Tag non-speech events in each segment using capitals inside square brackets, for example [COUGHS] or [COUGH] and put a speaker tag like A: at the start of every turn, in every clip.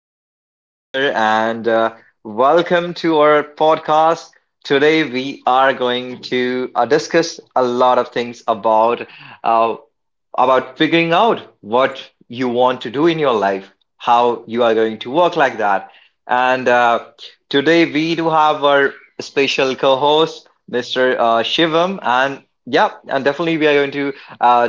A: My name is Bhaskar, and welcome to our podcast. Today, we are going to discuss a lot of things about uh, about figuring out what you want to do in your life, how you are going to work like that. And today, we do have our special co-host, Mr. Shivam, and yeah, and definitely we are going to uh,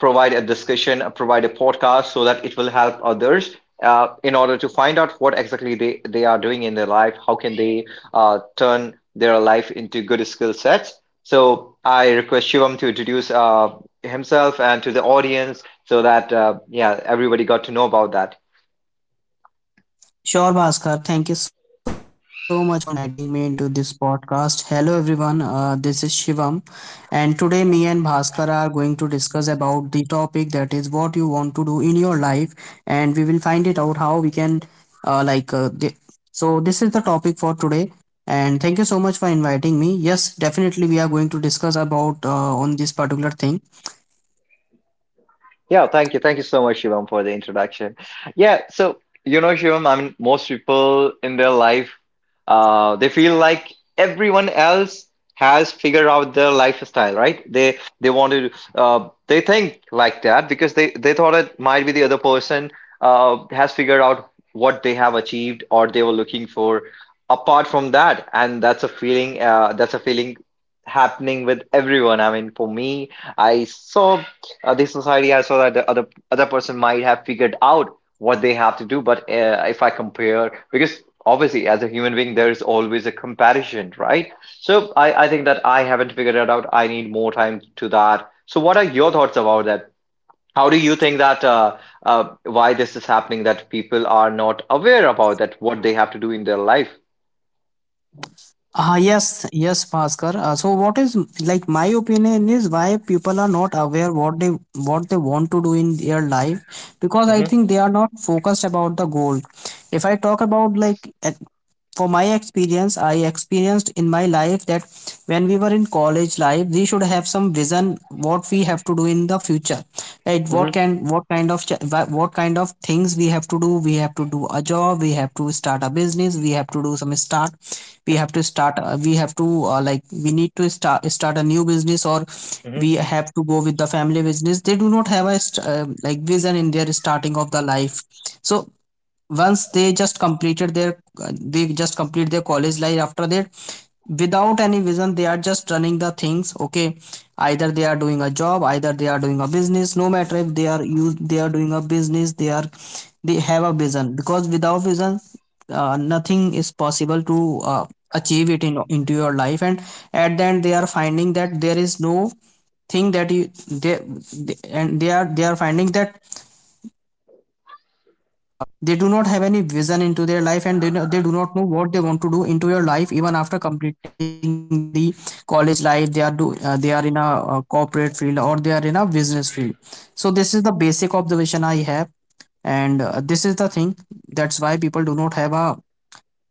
A: provide a discussion, provide a podcast so that it will help others in order to find out what exactly they are doing in their life, how can they turn their life into good skill sets. So I request Shivam to introduce himself and to the audience, so that, yeah, everybody got to know about that.
B: Sure, Bhaskar. Thank you so much for inviting me into this podcast. Hello, everyone. This is Shivam, and today me and Bhaskar are going to discuss about the topic that is what you want to do in your life, and we will find it out how we can, uh, like, uh, the, so this is the topic for today. And thank you so much for inviting me. Yes, definitely we are going to discuss about on this particular thing.
A: Yeah, thank you. Thank you so much, Shivam, for the introduction. Yeah, so Shivam, I mean, most people in their life, they feel like everyone else has figured out their lifestyle, right? They wanted, they think like that because they thought it might be the other person has figured out what they have achieved or they were looking for. Apart from that, and that's a feeling, that's a feeling happening with everyone. I mean, for me, I saw the society, I saw that the other person might have figured out what they have to do, but if I compare, because obviously as a human being there's always a comparison, right? So I think that I haven't figured it out, I need more time to that. So what are your thoughts about that? How do you think that, why this is happening that people are not aware about that, what they have to do in their life?
B: Ah yes, yes, Bhaskar. So what is like my opinion is why people are not aware what they want to do in their life because I
A: Mm-hmm.
B: think they are not focused about the goal. If I talk about like for my experience, I experienced in my life that when we were in college life, we should have some vision what we have to do in the future, right? what
A: Mm-hmm.
B: can what kind of ch- wha- What kind of things we have to do? We have to do a job, we have to start a business, we have to do some start we have to start we have to like we need to start a new business, or
A: Mm-hmm.
B: we have to go with the family business. They do not have a vision in their starting of the life. So once they just completed their they just complete their college life, after that, without any vision, they are just running the things. Okay, either they are doing a job, either they are doing a business. No matter if they are you they are doing a business, they are they have a vision, because without vision, nothing is possible to achieve it in into your life. And at the end, they are finding that there is no thing that you they and they are finding that uh, they do not have any vision into their life, and they do not know what they want to do into your life. Even after completing the college life, they are do they are in a corporate field, or they are in a business field. So this is the basic observation I have, and this is the thing that's why people do not have a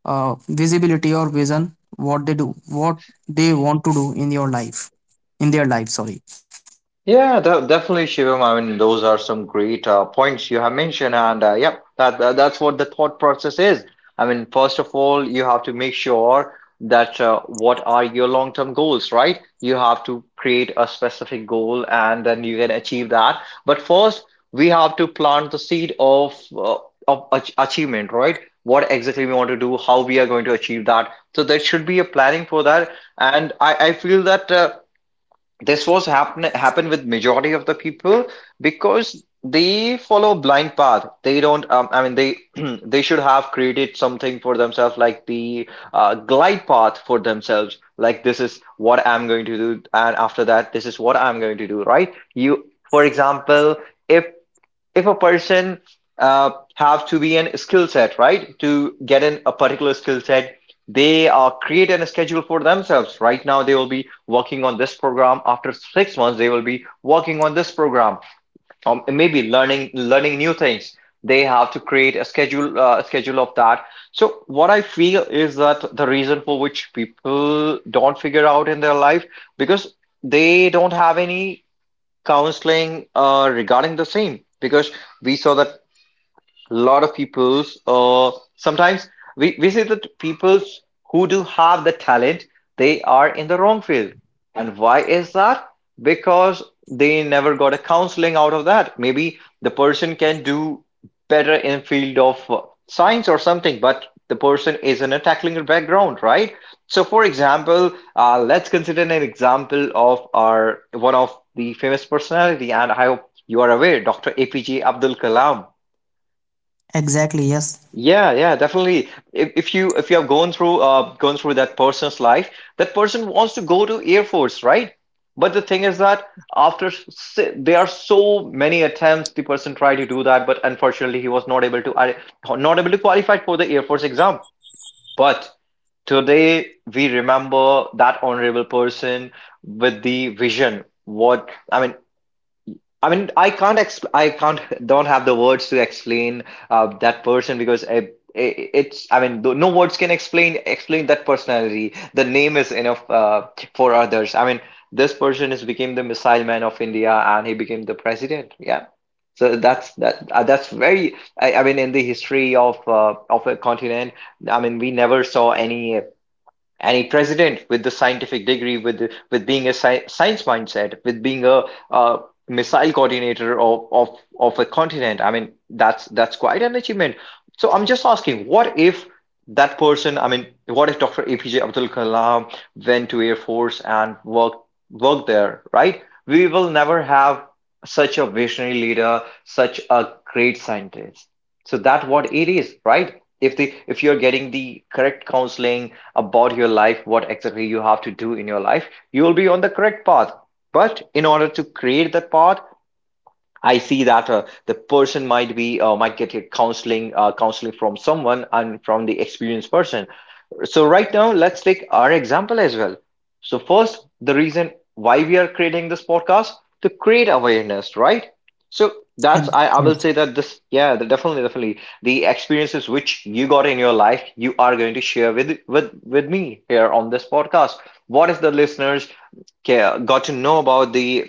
B: visibility or vision what they do what they want to do in your life in their life sorry.
A: Yeah, definitely, Shivam. I mean, those are some great points you have mentioned, and yep, that's what the thought process is. I mean, first of all, you have to make sure that, what are your long-term goals, right? You have to create a specific goal, and then you can achieve that. But first, we have to plant the seed of of achievement, right? What exactly we want to do, how we are going to achieve that. So there should be a planning for that, and I feel that. This was happen with majority of the people, because they follow blind path, they don't I mean, they [CLEARS THROAT] they should have created something for themselves, like the glide path for themselves, like this is what I'm going to do and after that this is what I'm going to do, right? You, for example, if if a person, have to be an skill set, right? To get in a particular skill set, they create a schedule for themselves. Right now they will be working on this program, after 6 months they will be working on this program, maybe learning new things. They have to create a schedule, a schedule of that. So what I feel is that the reason for which people don't figure out in their life, because they don't have any counseling regarding the same. Because we saw that lot of people's, sometimes we say that people's who do have the talent, they are in the wrong field. And why is that? Because they never got a counseling out of that. Maybe the person can do better in field of science or something, but the person is in a tackling background, right? So for example, let's consider an example of our one of the famous personality, and I hope you are aware, Dr. APJ Abdul Kalam.
B: Exactly, yes.
A: Yeah, yeah, definitely. If you have gone through that person's life, that person wants to go to Air Force, right? But the thing is that, there are so many attempts, the person tried to do that, but unfortunately he was not able to qualify for the Air Force exam. But today we remember that honorable person with the vision. What I mean, I can't I can't don't have the words to explain that person, because I it's, I mean, no words can explain that personality. The name is enough for others. I mean, this person has became the missile man of India, and he became the president. Yeah. So that's that's very, I mean, in the history of of a continent, I mean we never saw any president with the scientific degree, with being a science mindset, with being a uh, missile coordinator of a continent. I mean, that's quite an achievement. So I'm just asking, what if that person, I mean what if Dr. APJ Abdul Kalam went to Air Force and worked there, right? We will never have such a visionary leader, such a great scientist. So that what it is, right? If you're getting the correct counseling about your life, what exactly you have to do in your life, you will be on the correct path. But in order to create that path, I see that the person might be, might get a counseling, counseling from someone and from the experienced person. So right now, let's take our example as well. So first, the reason why we are creating this podcast, to create awareness, right? So that's, I,
B: And
A: I will say
B: yes,
A: that, this yeah the, definitely definitely, the experiences which you got in your life you are going to share with me here on this podcast. What is, the listeners, got to know about the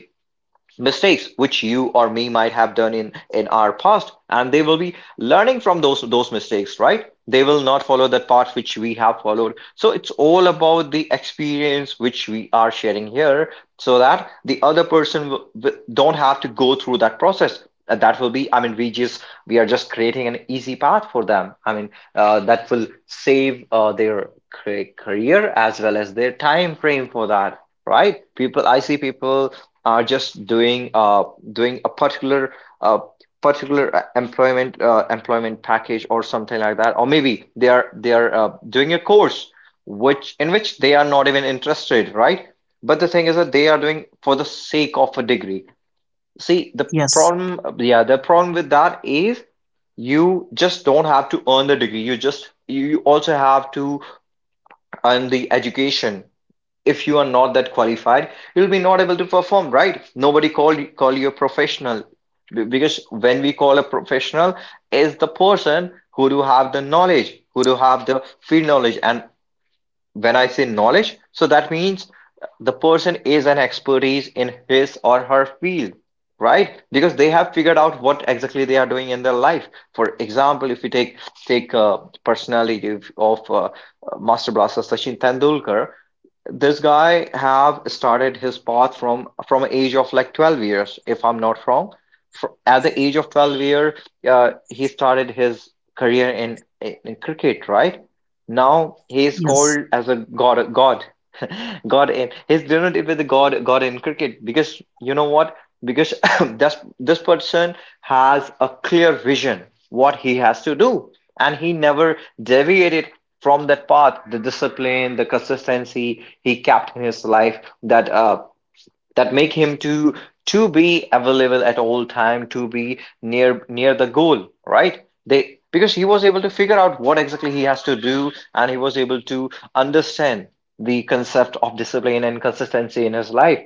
A: mistakes which you or me might have done in our past, and they will be learning from those mistakes, right? They will not follow that path which we have followed. So it's all about the experience which we are sharing here, so that the other person don't have to go through that process. That will be, I mean, we just we are just creating an easy path for them, I mean, that will save their career, as well as their time frame for that, right? People, I see people are just doing doing a uh, particular employment package or something like that, or maybe they are doing a course which in which they are not even interested, right? But the thing is that they are doing for the sake of a degree. See the
B: yes,
A: problem? Yeah, the problem with that is, you just don't have to earn the degree, you just, you also have to earn the education. If you are not that qualified, you'll be not able to perform, right? Nobody call you a professional, because when we call a professional, is the person who do have the knowledge, who do have the field knowledge. And when I say knowledge, so that means the person is an expertise in his or her field, right? Because they have figured out what exactly they are doing in their life. For example, if we take personality of Master Blaster Sachin Tendulkar. This guy have started his path from age of like 12 years, if I'm not wrong. Fr At the age of 12 year, he started his career in cricket, right? Now he is called
B: yes.
A: as a god, [LAUGHS] god in. He's not even the god in cricket, because you know what? Because [COUGHS] [CLEARS THROAT] this person has a clear vision what he has to do, and he never deviated from that path, the discipline, the consistency he kept in his life, that that make him to be available at all time, to be near the goal, right? They because he was able to figure out what exactly he has to do, and he was able to understand the concept of discipline and consistency in his life.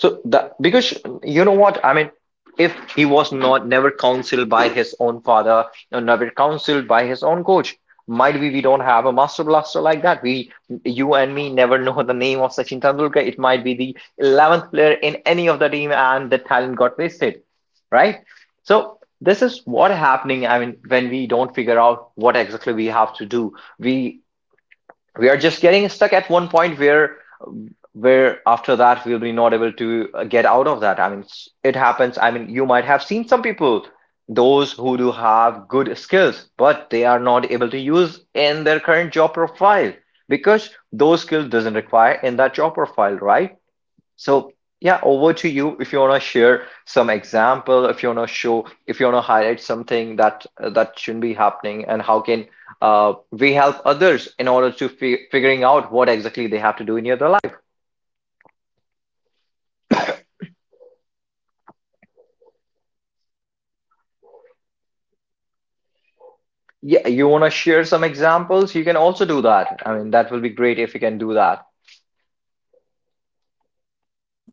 A: So the because you know what I mean, if he was not never counseled by his own father, or never counseled by his own coach, might be we don't have a master blaster like that. We, you and me, never know the name of Sachin Tendulkar. It might be the 11th player in any of the team, and the talent got wasted, right? So this is what happening. I mean, when we don't figure out what exactly we have to do, we we are just getting stuck at one point where after that we'll be not able to get out of that. I mean, it happens. I mean, you might have seen some people, those who do have good skills but they are not able to use in their current job profile, because those skills doesn't require in that job profile, right? So, yeah, over to you if you want to share some example, if you want to show, if you want to highlight something that shouldn't be happening, and how can we help others in order to figuring out what exactly they have to do in their life. Yeah, you
B: Yes,
A: want to share
B: exactly,
A: some
B: Bhaskar.
A: examples, you
B: I
A: can
B: hope
A: also
B: I'm
A: do
B: audible
A: that.
B: for
A: I
B: you.
A: mean, that will be great if you can do that.
B: Bhaskar, I'm audible.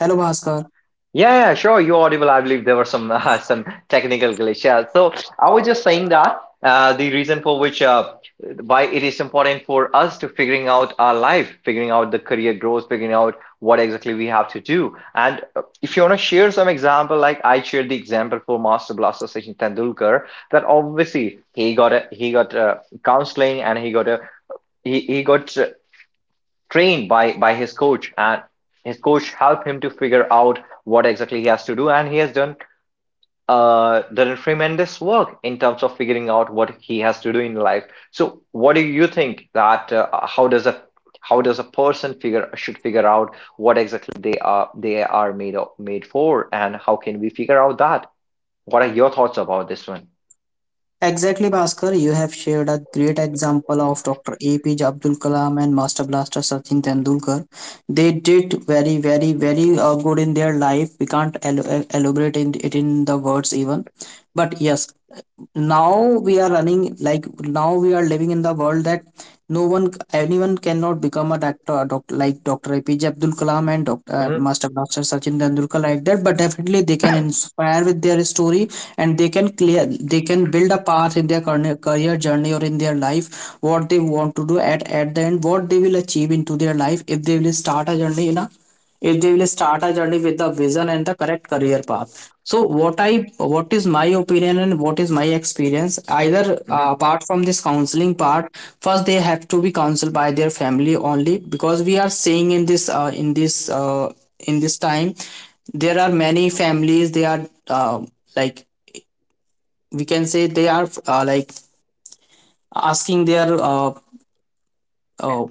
B: Hello, Bhaskar.
A: Yeah, yeah, sure. You're audible. I believe there were some [LAUGHS] some technical glitch. Yeah. So I was just saying that the reason for which why it is important for us to figuring out our life, figuring out the career growth, figuring out what exactly we have to do. And if you want to share some example, like I shared the example for Master Blaster Sachin Tendulkar, that obviously he got counseling and he got trained by his coach, and his coach helped him to figure out what exactly he has to do. And he has done done tremendous work in terms of figuring out what he has to do in life. So what do you think that, how does a person figure should figure out what exactly they are made of, made for, and how can we figure out that? What are your thoughts about this one?
B: Exactly, Bhaskar. You have shared a great example of Dr. APJ Abdul Kalam and Master Blaster Sachin Tendulkar. They did very, very, very good in their life. We can't elaborate in it in the words even. But yes, now we are running like now we are living in the world that no one anyone cannot become a like Dr. APJ Abdul Kalam and dr
A: Mm-hmm.
B: Master Blaster Sachin Tendulkar like that. But definitely they can inspire with their story, and they can build a path in their career journey or in their life, what they want to do at the end, what they will achieve into their life if they will start a journey in a if they will start a journey with the vision and the correct career path. So what I what is my opinion and what is my experience, either
A: Mm-hmm.
B: apart from this counseling part, first they have to be counseled by their family only, because we are seeing in this in this in this time there are many families, they are like we can say they are asking their uh,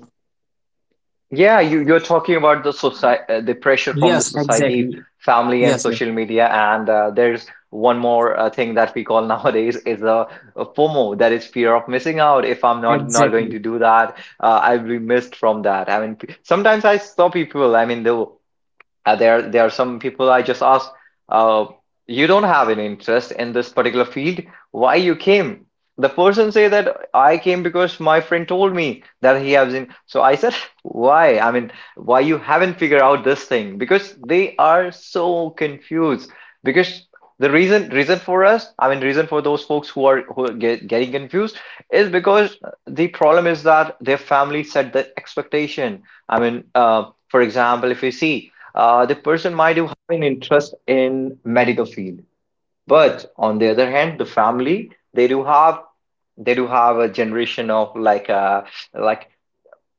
A: Yeah, you're talking about the society, the pressure from the
B: yes
A: society,
B: exactly.
A: family, and
B: Yes, yes,
A: social media. And there's one more thing that we call [LAUGHS] nowadays is a FOMO, that is fear of missing out. If I'm not going to
B: exactly.
A: do that, I'll be missed from that. I mean, sometimes I saw people. I mean, though. There are some people I just asked, uh, you don't have an interest in this particular field. Why you came? The person say that I came because my friend told me that he has in. So I said, [LAUGHS] why? I mean, why you haven't figured out this thing? Because they are so confused. Because the reason for us, I mean, reason for those folks who are getting confused is because the problem is that their family set the expectation. I mean, for example, if you see the person might have an interest in medical field, but on the other hand the family, they do have a generation of like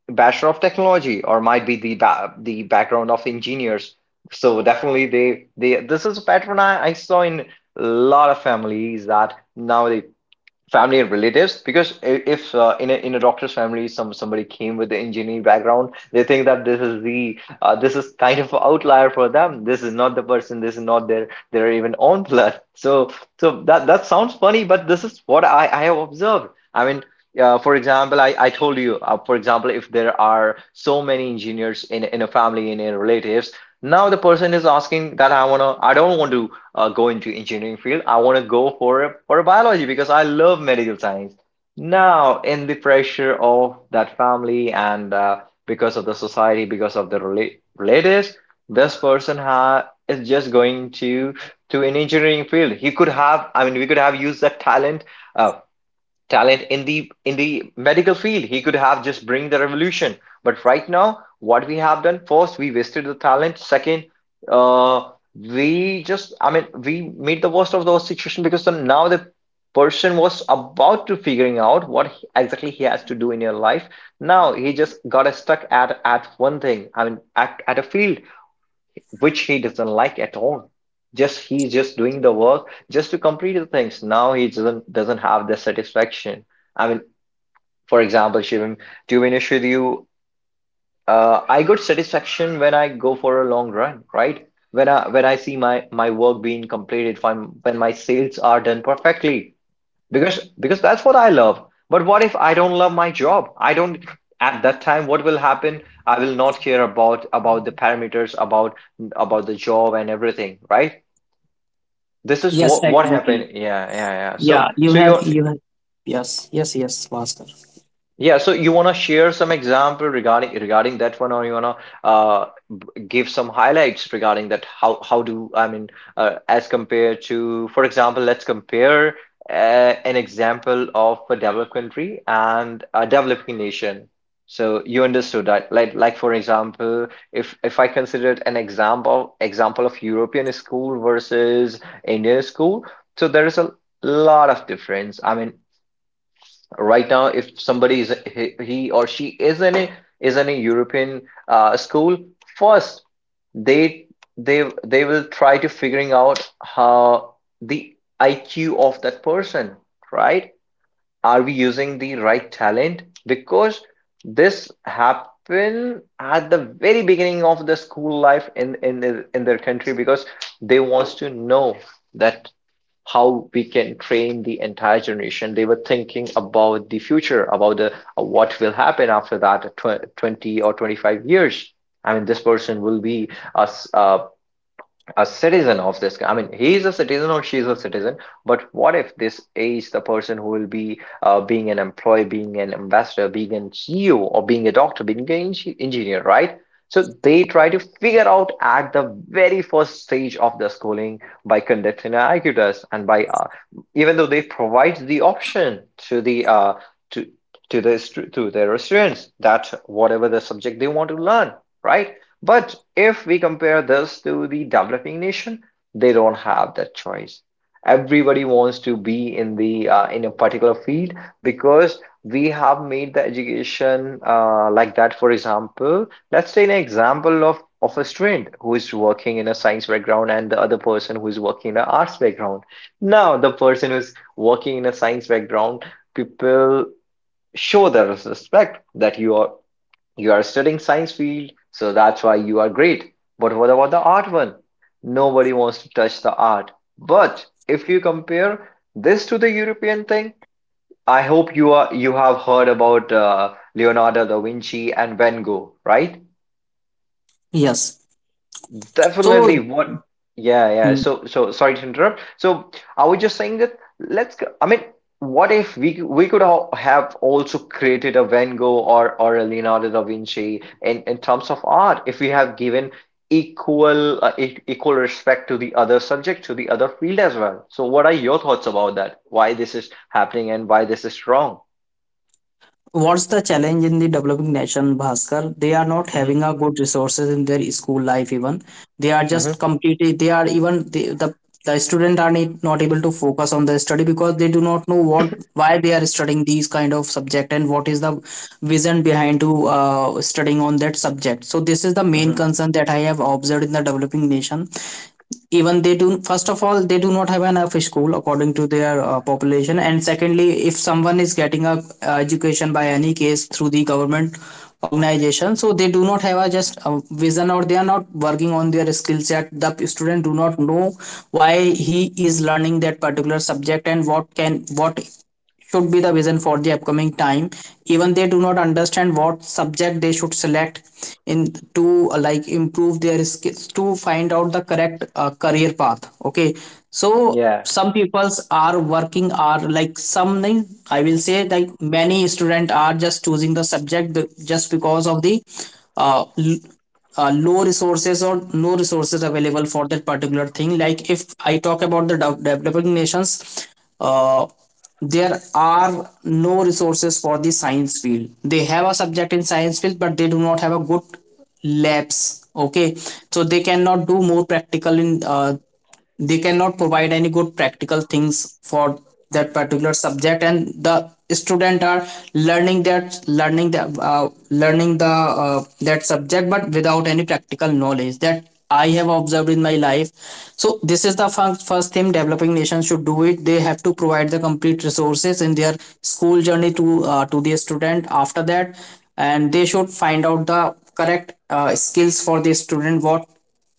A: bachelor of technology, or might be the the background of engineers. So definitely they, this is a pattern I saw in a lot of families, that now they, family and relatives, because if in a doctor's family somebody came with the engineering background, they think that this is the this is kind of an outlier for them. This is not the person, this is not their even own blood. So that sounds funny, but this is what I have observed. I mean, for example, I told you, for example, if there are so many engineers in a family, in relatives, now the person is asking that I don't want to go into engineering field. I want to go for for a biology because I love medical science. Now, in the pressure of that family, and because of the society, because of the relatives, this person ha is just going to an engineering field. He could have, I mean, we could have used that talent, uh, talent in the medical field. He could have just bring the revolution. But right now, what we have done, first, we wasted the talent. Second, we just, I mean, we made the worst of the situation, because then now the person was about to figuring out what exactly he has to do in your life. Now he just got stuck at one thing. I mean, at a field which he doesn't like at all. Just he's just doing the work just to complete the things. Now he doesn't have the satisfaction. I mean, for example, Shivam, to be honest with you, I got satisfaction when I go for a long run, right? When I see my work being completed, when my sales are done perfectly, because that's what I love. But what if I don't love my job? I don't. At that time, what will happen? I will not care about the parameters, about the job and everything, right? This is
B: Yes,
A: what
B: exactly.
A: happened. Yeah, yeah, yeah.
B: Yeah,
A: so so you're...
B: you have yes, yes, yes, Bhaskar.
A: Yeah, so you want to share some example regarding that one, or you want to give some highlights regarding that? How do, I mean, as compared to, for example, let's compare an example of a developed country and a developing nation. So you understood that, like for example, if I considered an example example of European school versus Indian school, so there is a lot of difference. I mean, right now if somebody is, he or she is in a European school, first they they will try to figuring out how the IQ of that person, right? Are we using the right talent? Because this happen at the very beginning of the school life in in their country, because they wants to know that how we can train the entire generation. They were thinking about the future, about the what will happen after that 20 or 25 years. I mean, this person will be a, s- uh, a citizen of this guy. I mean, he's a citizen or she's a citizen. But what if this is the person who will be, being an employee, being an ambassador, being an CEO, or being a doctor, being an engineer, right? So they try to figure out at the very first stage of the schooling, by conducting an IQ test, and by even though they provide the option to the to to the to their students, that whatever the subject they want to learn, right? But if we compare this to the developing nation, they don't have that choice. Everybody wants to be in the in a particular field, because we have made the education like that. For example, let's take an example of a student who is working in a science background, and the other person who is working in an arts background. Now, the person who is working in a science background, people show the respect that you are studying science field, so that's why you are great. But what about the art one? Nobody wants to touch the art. But if you compare this to the European thing, I hope you have heard about Leonardo da Vinci and Van Gogh, right?
B: Yes. So,
A: Definitely what, yeah, yeah.
B: hmm,
A: So so sorry to interrupt. So I was just saying that, let's go, I mean, what if we have also created a Van Gogh or a Leonardo da Vinci in terms of art, if we have given equal equal respect to the other subject, to the other field as well. So what are your thoughts about that? Why this is happening and why this is wrong?
B: what's the challenge in the developing nation, Bhaskar? They are not having
A: Mm-hmm,
B: a good resources in their school life even. They are just
A: mm-hmm,
B: completely, they are even, the student are not able to focus on their study because they do not know what, why they are studying these kind of subject, and what is the vision behind to studying on that subject. So this is the main
A: mm-hmm.
B: concern that I have observed in the developing nation. Even they do, first of all, they do not have enough school according to their population, and secondly, if someone is getting a education by any case through the government organization, so they do not have a just a vision, or they are not working on their skill set. The student do not know why he is learning that particular subject, and what should be the vision for the upcoming time. Even they do not understand what subject they should select in to improve their skills to find out the correct career path. Okay, so
A: Yeah.
B: some peoples are working are like some I will say like many students are just choosing the subject just because of the uh, l- low resources or no resources available for that particular thing. Like, if I talk about the developing nations, uh, there are no resources for the science field. They have a subject in science field, but they do not have a good labs. Okay, so they cannot do more practical in they cannot provide any good practical things for that particular subject, and the student are learning that learning the that subject but without any practical knowledge, that I have observed in my life. So this is the first thing developing nations should do it: they have to provide the complete resources in their school journey to the student. After that, and they should find out the correct skills for the student, what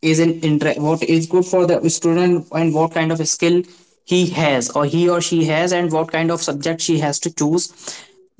B: is what is good for the student, and what kind of skill he has or he or she has, and what kind of subject she has to choose.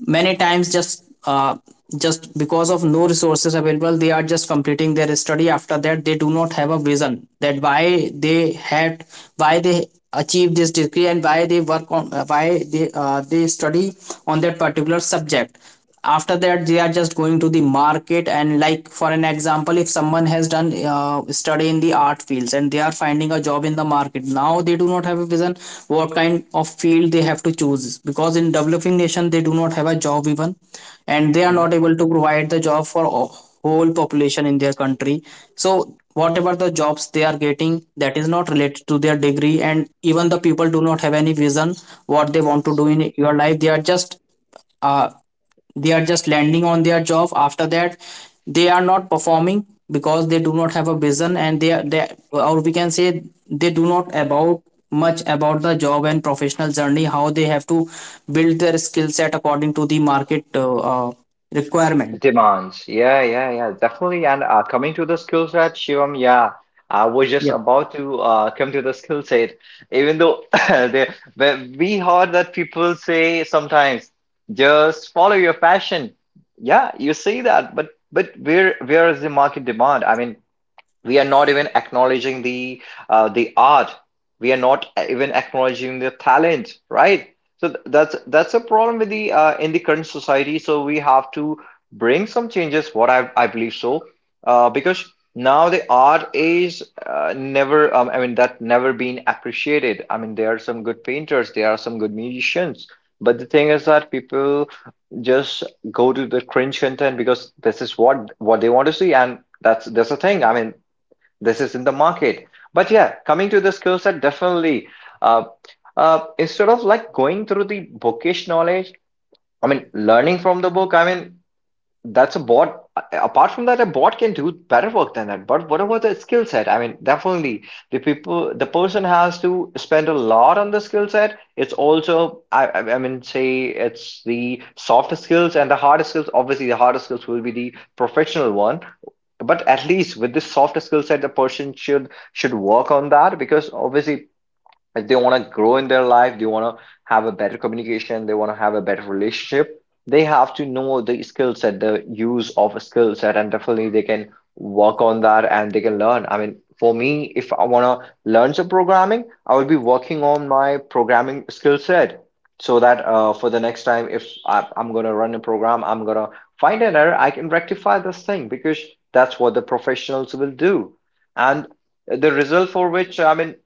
B: Many times, just because of no resources available, they are just completing their study. After that, they do not have a vision that why they achieve this degree and why they work on why they study on that particular subject. After that, they are just going to the market. And like, for an example, if someone has done study in the art fields and they are finding a job in the market, now they do not have a vision what kind of field they have to choose, because in developing nation they do not have a job even, and they are not able to provide the job for whole population in their country. So whatever the jobs they are getting, that is not related to their degree, and even the people do not have any vision what they want to do in your life. They are just uh, they are just landing on their job. After that, they are not performing because they do not have a vision, and they are they or we can say they do not about much about the job and professional journey, how they have to build their skill set according to the market requirement.
A: Demands. Yeah, yeah, yeah, definitely. And coming to the skill set, Shivam, yeah, I was just
B: Yeah,
A: about to come to the skill set, even though [LAUGHS] they, when we heard that people say sometimes, just follow your passion. Yeah, you say that, but where is the market demand? I mean, we are not even acknowledging the art. We are not even acknowledging the talent, right? So that's a problem with the in the current society, so we have to bring some changes, what I believe so. Because now the art is never I mean that never been appreciated. I mean, there are some good painters, there are some good musicians, but the thing is that people just go to the cringe content, because this is what they want to see, and that's the thing. I mean, this is in the market. But yeah, coming to the skill set, definitely, uh, instead of like going through the bookish knowledge, I mean learning from the book, I mean, that's a bot. Apart from that, a bot can do better work than that. But what about the skill set? I mean, definitely the people, the person has to spend a lot on the skill set. It's also I mean, say, it's the soft skills and the hard skills. Obviously, the harder skills will be the professional one, but at least with this softer skill set, the person should work on that, because obviously like they want to grow in their life, they want to have a better communication, they want to have a better relationship. They have to know the skill set, the use of a skill set, and definitely they can work on that and they can learn. I mean, for me, if I want to learn some programming, I will be working on my programming skill set, so that for the next time, if I'm going to run a program, I'm going to find an error, I can rectify this thing, because that's what the professionals will do. And the result for which, I mean,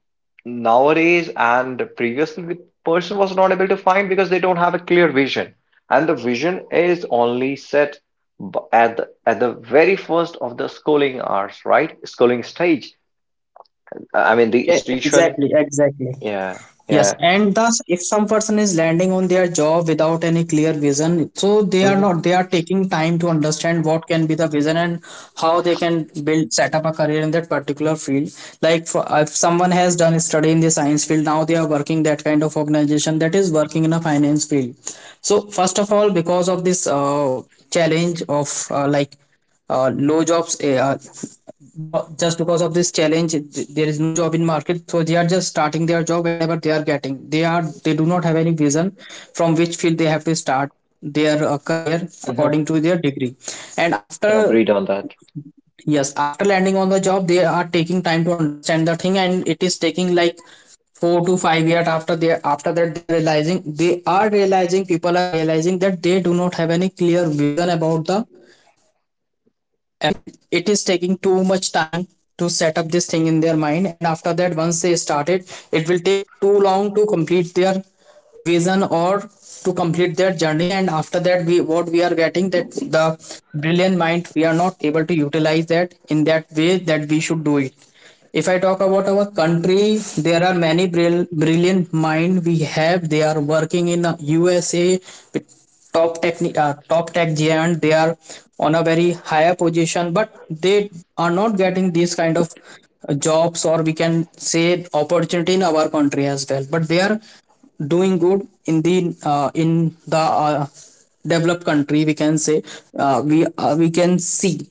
A: nowadays and previously, the person was not able to find, because they don't have a clear vision, and the vision is only set at the very first of the schooling hours, right, schooling stage, I mean the
B: E-
A: institution.
B: exactly, exactly.
A: Yeah.
B: Yes,
A: Yeah.
B: and thus, if some person is landing on their job without any clear vision, so they are
A: Hmm.
B: not, they are taking time to understand what can be the vision, and how they can build, set up a career in that particular field. Like, for, if someone has done a study in the science field, now they are working that kind of organization that is working in a finance field. So, first of all, because of this challenge of low jobs because just because of this challenge there is no job in market, so they are just starting their job whenever they are getting. They are they do not have any vision from which field they have to start their career
A: Hmm.
B: according to their degree. And
A: Yeah,
B: after
A: agreed on that.
B: yes, after landing on the job, they are taking time to understand the thing, and it is taking like 4 to 5 years after they after that they are realizing, they are realizing people are realizing that they do not have any clear vision about the about his career, and it is taking too much time to set up this thing in their mind. And after that, once they started it, it will take too long to complete their vision or to complete their journey. And after that, we what we are getting that the brilliant mind we are not able to utilize that in that way that we should do it. If I talk about our country, there are many brilliant mind we have. They are working in the USA with top tech, top tech giant. They are on a very higher position, but they are not getting these kind of jobs, or we can say opportunity in our country as well. But they are doing good in the developed country, we can say. We can see.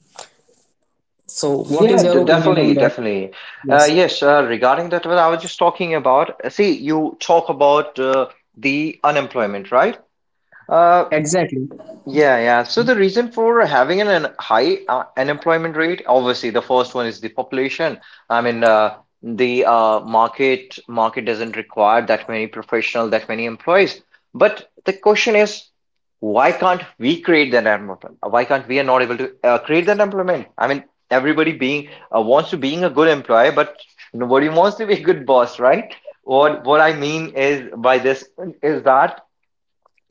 B: So, what
A: Yeah,
B: is your opinion
A: definitely,
B: on that?
A: definitely.
B: Yes.
A: Yes, regarding that, what I was just talking about, see, you talk about the unemployment, right? Uh,
B: Exactly,
A: Yeah, yeah. So the reason for having an high unemployment rate, obviously, the first one is the population. I mean, the market doesn't require that many professional, that many employees. But the question is, why can't we create that employment? Why can't we are not able to create that employment? I mean, everybody being wants to being a good employer, but nobody wants to be a good boss, right? What I mean is by this is that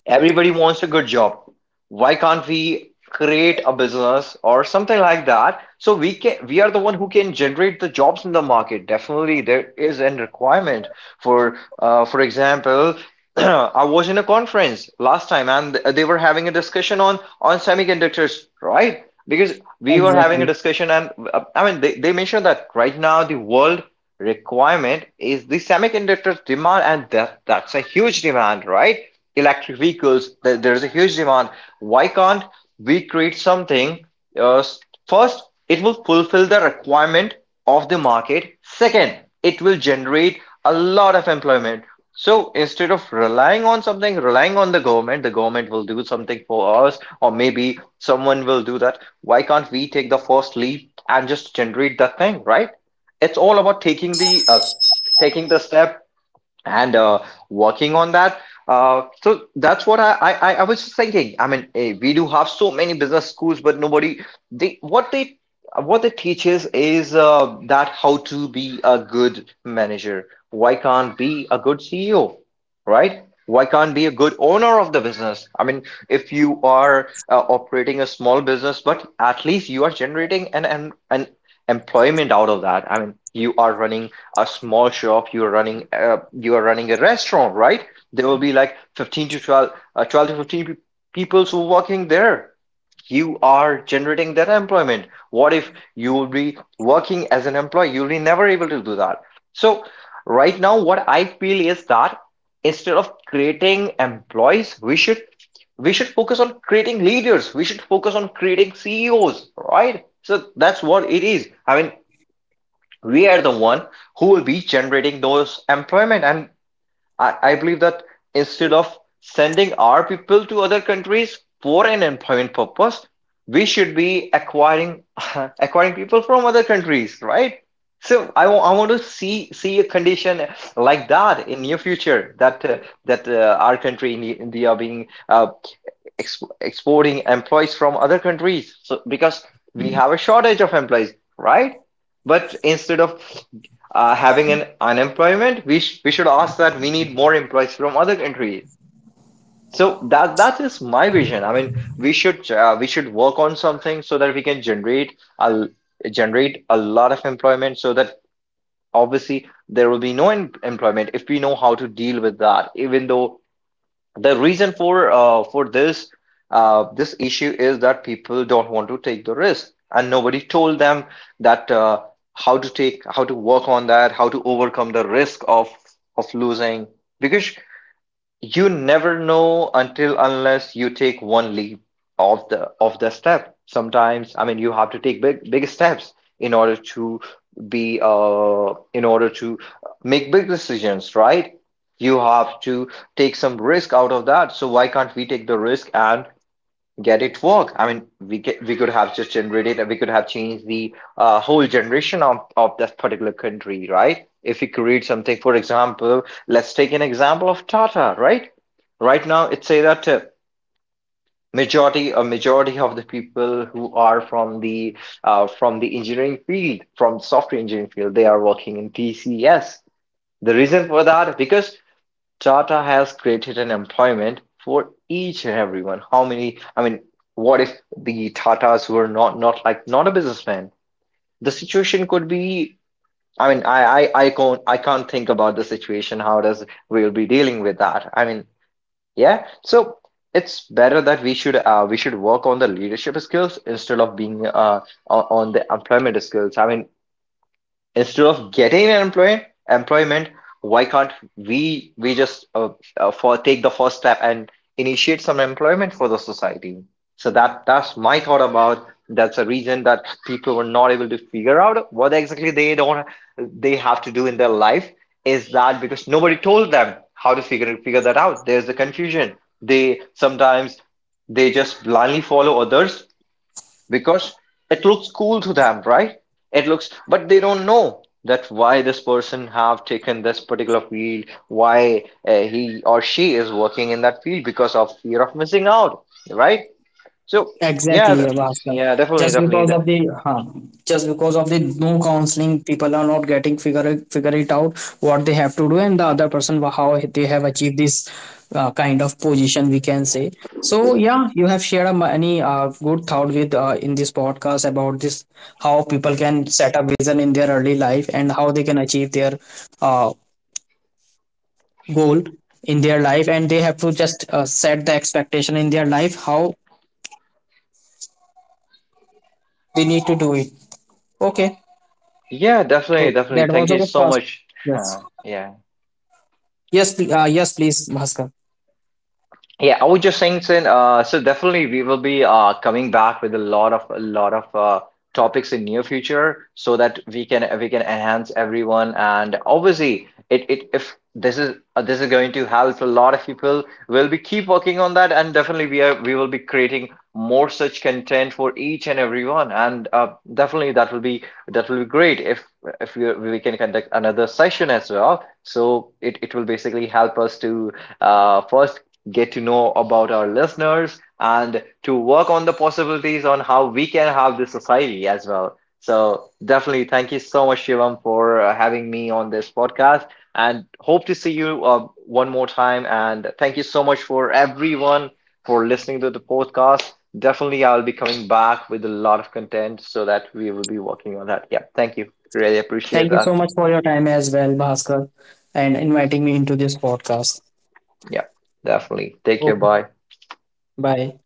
A: everybody wants a good job. Why can't we create a business or something like that? So we can, we are the one who can generate the jobs in the market. Definitely, there is a requirement for, for example. [CLEARS THROAT] I was in a conference last time and they were having a discussion on semiconductors, right? Because we were having a
B: exactly.
A: discussion and I mean they mentioned that right now the world requirement is the semiconductor demand, and that's a huge demand, right? Electric vehicles, there is a huge demand. Why can't we create something? Uh, First, it will fulfill the requirement of the market. Second, it will generate a lot of employment. So instead of relying on something, relying on the government will do something for us, or maybe someone will do that. Why can't we take the first leap and just generate that thing, right? It's all about taking the step and working on that. So that's what I was just thinking. I mean, eh, we do have so many business schools, but nobody, they what they what they teaches is that how to be a good manager. Why can't be a good CEO, right? Why can't be a good owner of the business? I mean, if you are operating a small business, but at least you are generating an employment out of that. I mean, you are running a small shop, you are running a restaurant, right? There will be like 15 to 12, 12 to 15 peoples who working there. You are generating that employment. What if you will be working as an employee, you'll be never able to do that. So right now what I feel is that instead of creating employees, we should focus on creating leaders, we should focus on creating ceos, right? So that's what it is. I mean, we are the one who will be generating those employment. And I believe that instead of sending our people to other countries for an employment purpose, we should be acquiring [LAUGHS] acquiring people from other countries, right? So I want to see a condition like that in near future, that our country in India being exporting employees from other countries. So because we have a shortage of employees, right? But instead of having an unemployment, we should ask that we need more employees from other countries. So that that is my vision. I mean, we should work on something so that we can generate a lot of employment, so that obviously there will be no employment if we know how to deal with that. Even though the reason for this this issue is that people don't want to take the risk, and nobody told them that how to take, how to work on that, how to overcome the risk of losing. Because you never know until unless you take one leap of the step. Sometimes, I mean, you have to take big big steps in order to be in order to make big decisions, right? You have to take some risk out of that. So why can't we take the risk and get it work? I mean we get, we could have just generated, we could have changed the whole generation of that particular country, right? If we create something, for example, let's take an example of tata, right? Right now it say that majority of the people who are from the engineering field, from software engineering field, they are working in tcs. The reason for that, because Tata has created an employment for each and everyone. How many? I mean, what if the Tatas were not like not a businessman? The situation could be, I mean, I can't, I can't think about the situation. How does we'll be dealing with that? I mean, yeah. So it's better that we should work on the leadership skills instead of being on the employment skills. I mean, instead of getting an employment, employment, why can't we just for take the first step and initiate some employment for the society? So that that's my thought about. That's a reason that people were not able to figure out what exactly they don't they have to do in their life, is that because nobody told them how to figure that out. There's the confusion. They sometimes they just blindly follow others because it looks cool to them, right? It looks, but they don't know that why this person have taken this particular field, why he or she is working in that field, because of fear of missing out, right? So yeah,
B: Exactly, Vaska.
A: yeah, definitely,
B: Just
A: definitely,
B: because of the no counseling, people are not getting figure it out what they have to do, and the other person how they have achieved this kind of position, we can say. So yeah, you have shared a many good thought with in this podcast about this how people can set a vision in their early life, and how they can achieve their uh, goal in their life, and they have to just set the expectation in their life how they need to do it. Okay.
A: yeah,
B: So
A: definitely, definitely,
B: that
A: thank
B: was
A: you
B: our
A: so
B: first.
A: much. [LAUGHS]
B: Yes.
A: Yeah.
B: Yes, please, Bhaskar.
A: Yeah, I was just saying, Sin, so definitely we will be coming back with a lot of topics in near future, so that we can enhance everyone. And obviously, it, if this is this is going to help a lot of people, we'll be keep working on that, and definitely we will be creating more such content for each and everyone. And definitely that will be great if if we can conduct another session as well. So it will basically help us to first get to know about our listeners and to work on the possibilities on how we can have this society as well. So definitely thank you so much, Shivam, for having me on this podcast, and hope to see you one more time. And thank you so much for everyone for listening to the podcast. Definitely, I'll be coming back with a lot of content so that we will be working on that. Yeah, thank you. Really appreciate
B: Thank you so
A: that.
B: much for your time as well, Bhaskar, and inviting me into this podcast.
A: Yeah, definitely. Take care.
B: Okay.
A: Bye.
B: Bye.